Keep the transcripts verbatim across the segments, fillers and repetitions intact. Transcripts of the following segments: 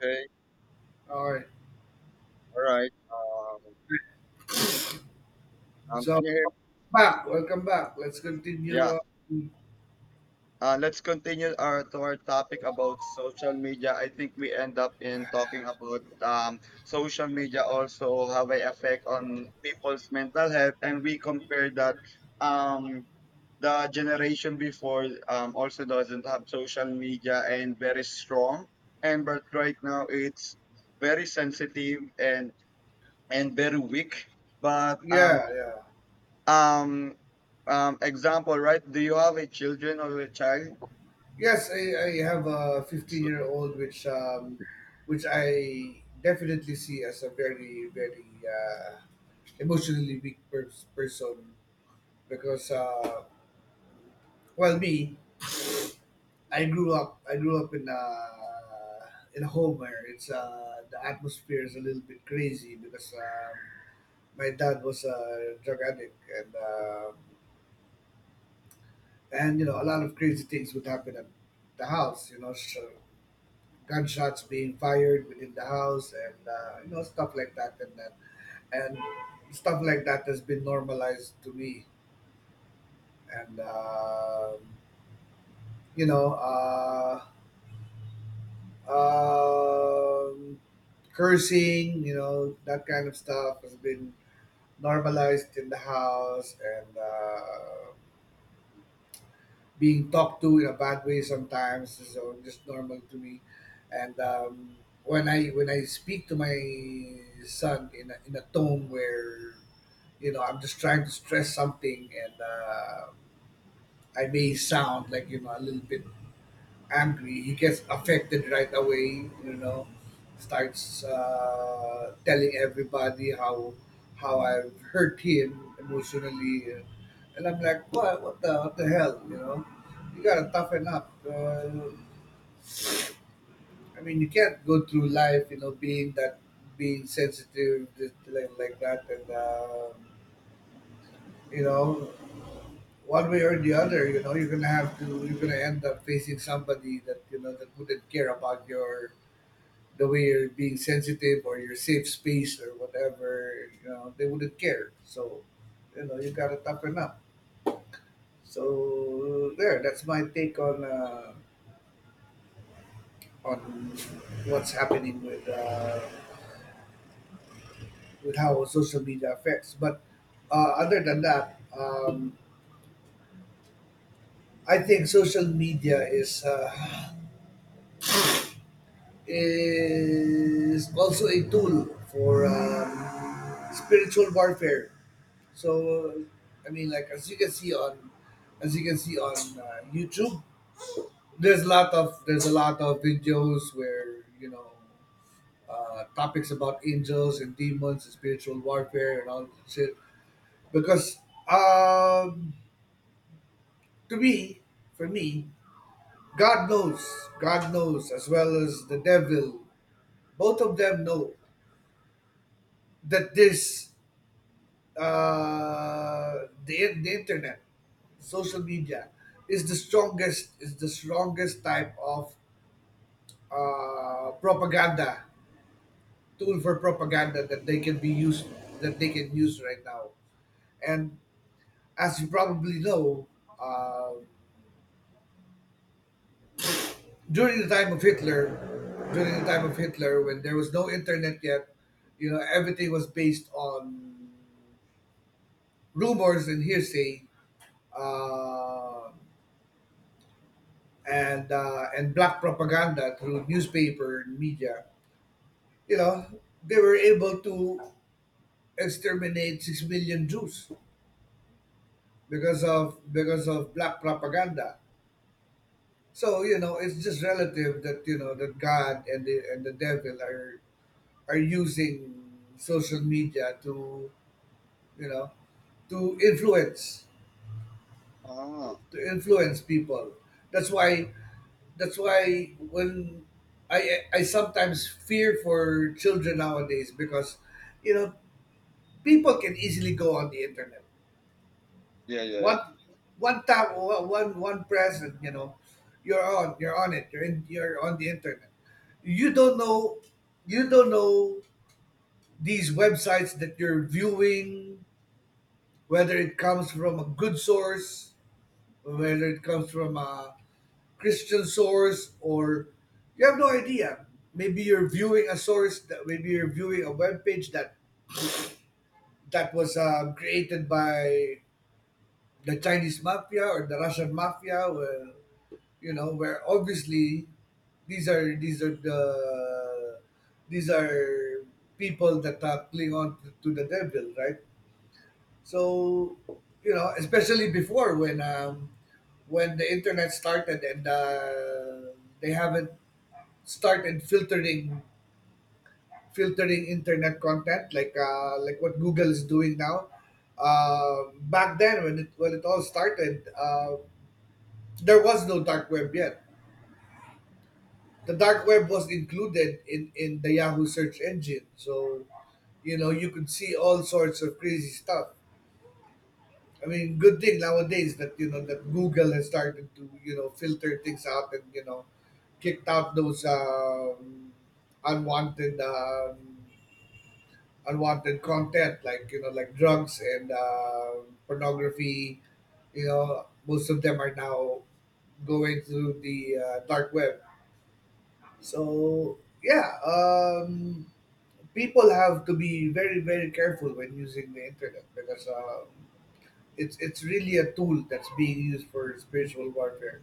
Okay. All right. All right. Um, um, So Can you hear me? Back, welcome back. Let's continue Yeah. on. Uh, let's continue our to our topic about social media. I think we end up in talking about um, social media also have an effect on people's mental health, and we compare that, um, the generation before um, also doesn't have social media and very strong, and but right now it's very sensitive and and very weak. But um, Yeah, yeah. Um, um, example, right? Do you have a children or a child? Yes, I, I have a 15 So- year old, which um, which I definitely see as a very very uh, emotionally weak pers- person because uh, well me, I grew up I grew up in a in a home where it's uh, the atmosphere is a little bit crazy because um, my dad was a drug addict and. um and you know a lot of crazy things would happen at the house, you know, so gunshots being fired within the house and uh, you know, stuff like that, and that and stuff like that has been normalized to me. And um, you know uh, um, cursing, you know, that kind of stuff has been normalized in the house, and uh, being talked to in a bad way sometimes, so just normal to me. And um, when I when I speak to my son in a, in a tone where, you know, I'm just trying to stress something, and uh, I may sound like, you know, a little bit angry, he gets affected right away. You know, starts uh, telling everybody how how I've hurt him emotionally. Uh, and I'm like, what? What the what the hell? You know, you gotta toughen up. Uh, I mean, you can't go through life, you know, being that being sensitive just like like that, and um, you know. One way or the other, you know, you're gonna have to. You're gonna end up facing somebody that, you know, that wouldn't care about your the way you're being sensitive, or your safe space, or whatever. You know, they wouldn't care. So, you know, you gotta toughen up. So there, that's my take on uh, on what's happening with uh, with how social media affects. But uh, other than that, um, I think social media is uh, is also a tool for um, spiritual warfare. So, uh, I mean, like as you can see on, as you can see on uh, YouTube, there's a lot of, there's a lot of videos where, you know, uh, topics about angels and demons and spiritual warfare and all that shit. Because um, to me, for me, God knows, God knows as well as the devil. Both of them know that this uh, the, the internet, social media, is the strongest is the strongest type of uh, propaganda tool for propaganda that they can be used that they can use right now. And as you probably know, uh, during the time of Hitler, during the time of Hitler, when there was no internet yet, you know, everything was based on rumors and hearsay. Uh, and uh, and black propaganda through newspaper and media, you know, they were able to exterminate six million Jews because of, because of black propaganda. So, you know, it's just relative that, you know, that God and the, and the devil are are using social media to, you know, to influence, to, Ah, to influence people. That's why, that's why when I I sometimes fear for children nowadays because, you know, people can easily go on the internet. yeah, yeah, One yeah. one tap one one press, and you know, you're on, you're on it you're in, you're on the internet. You don't know you don't know, these websites that you're viewing, whether it comes from a good source, whether it comes from a Christian source, or you have no idea. Maybe you're viewing a source that maybe you're viewing a web page that that was uh, created by the Chinese mafia or the Russian mafia. Where, you know, where obviously these are these are the these are people that are cling on to, to the devil, right? So, you know, especially before when um, when the internet started and uh, they haven't started filtering filtering internet content like, uh, like what Google is doing now. Uh, back then, when it when it all started, uh, there was no dark web yet. The dark web was included in in the Yahoo search engine, so you know, you could see all sorts of crazy stuff. I mean, good thing nowadays that, you know, that Google has started to, you know, filter things out and, you know, kicked out those um, unwanted um, unwanted content like, you know, like drugs and uh, pornography. You know, most of them are now going through the uh, dark web. So yeah, um, people have to be very very careful when using the internet, because um, it's it's really a tool that's being used for spiritual warfare.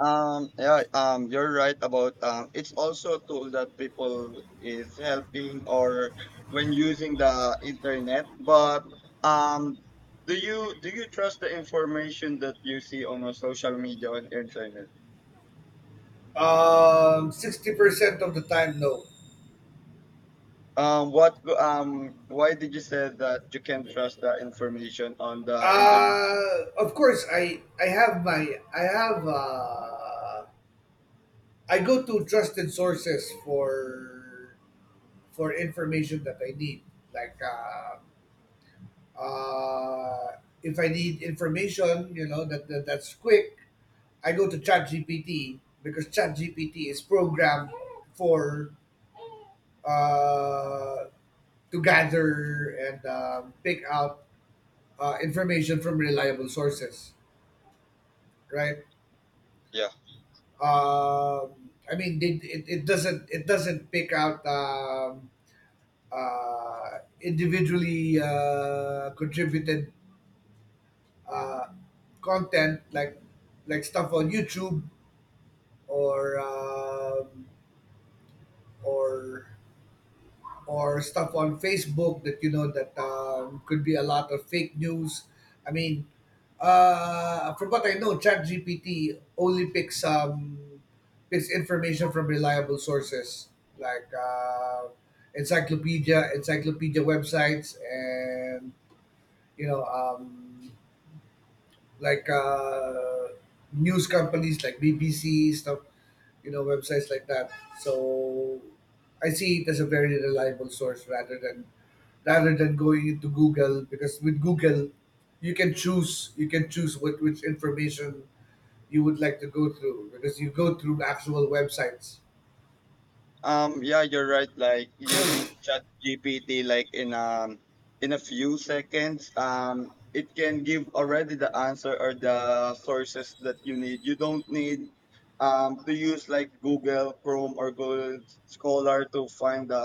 Um, yeah, um, you're right about um, it's also a tool that people is helping or when using the internet. But um, do you do you trust the information that you see on a social media and internet? um, sixty percent of the time, no. Um, what um, why did you say that you can trust the information on the internet? Uh, of course, i i have my, I have, uh, I go to trusted sources for, for information that I need. Like uh, uh, if I need information, you know, that, that that's quick, I go to ChatGPT because ChatGPT is programmed for, uh, to gather and, um, pick out uh, information from reliable sources, right? Yeah. Um, I mean, it, it, it doesn't, it doesn't pick out Um, uh, individually uh, contributed uh, content like like stuff on YouTube or um, or or stuff on Facebook that, you know, that um, could be a lot of fake news. I mean, uh, from what I know, ChatGPT only picks um, picks information from reliable sources, like uh, encyclopedia, encyclopedia websites, and, you know, um, like uh, news companies like B B C stuff, you know, websites like that. So I see it as a very reliable source rather than, rather than going into Google, because with Google, you can choose you can choose what, which information you would like to go through, because you go through actual websites. Um, yeah, you're right. Like using ChatGPT, like in um in a few seconds, um, it can give already the answer or the sources that you need. You don't need um to use like Google Chrome or Google Scholar to find the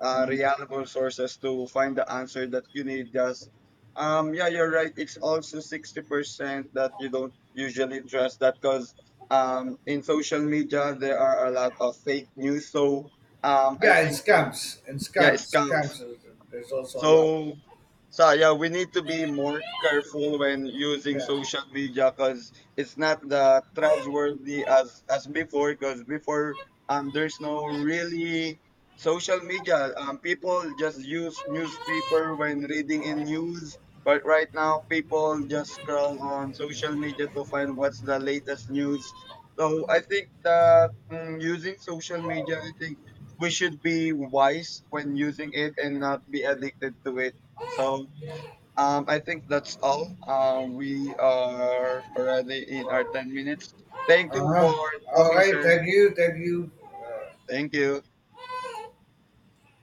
uh, reliable sources to find the answer that you need. Just um, yeah, you're right. It's also sixty percent that you don't usually trust that because um, in social media there are a lot of fake news, so um, I Yeah, and think um, scams, and yeah, scams scams. scams. There's also a lot. So, so yeah, we need to be more careful when using Yeah. social media because it's not that trustworthy as as before. Because before, um, there's no really social media. Um, people just use newspaper when reading in news. But right now, people just scroll on social media to find what's the latest news. So I think that mm using social media, I think we should be wise when using it and not be addicted to it. So um, I think that's all. Um, we are already in our ten minutes. Thank Uh you huh. for All talking, right. sir. Thank you. Thank you. Uh, Thank you.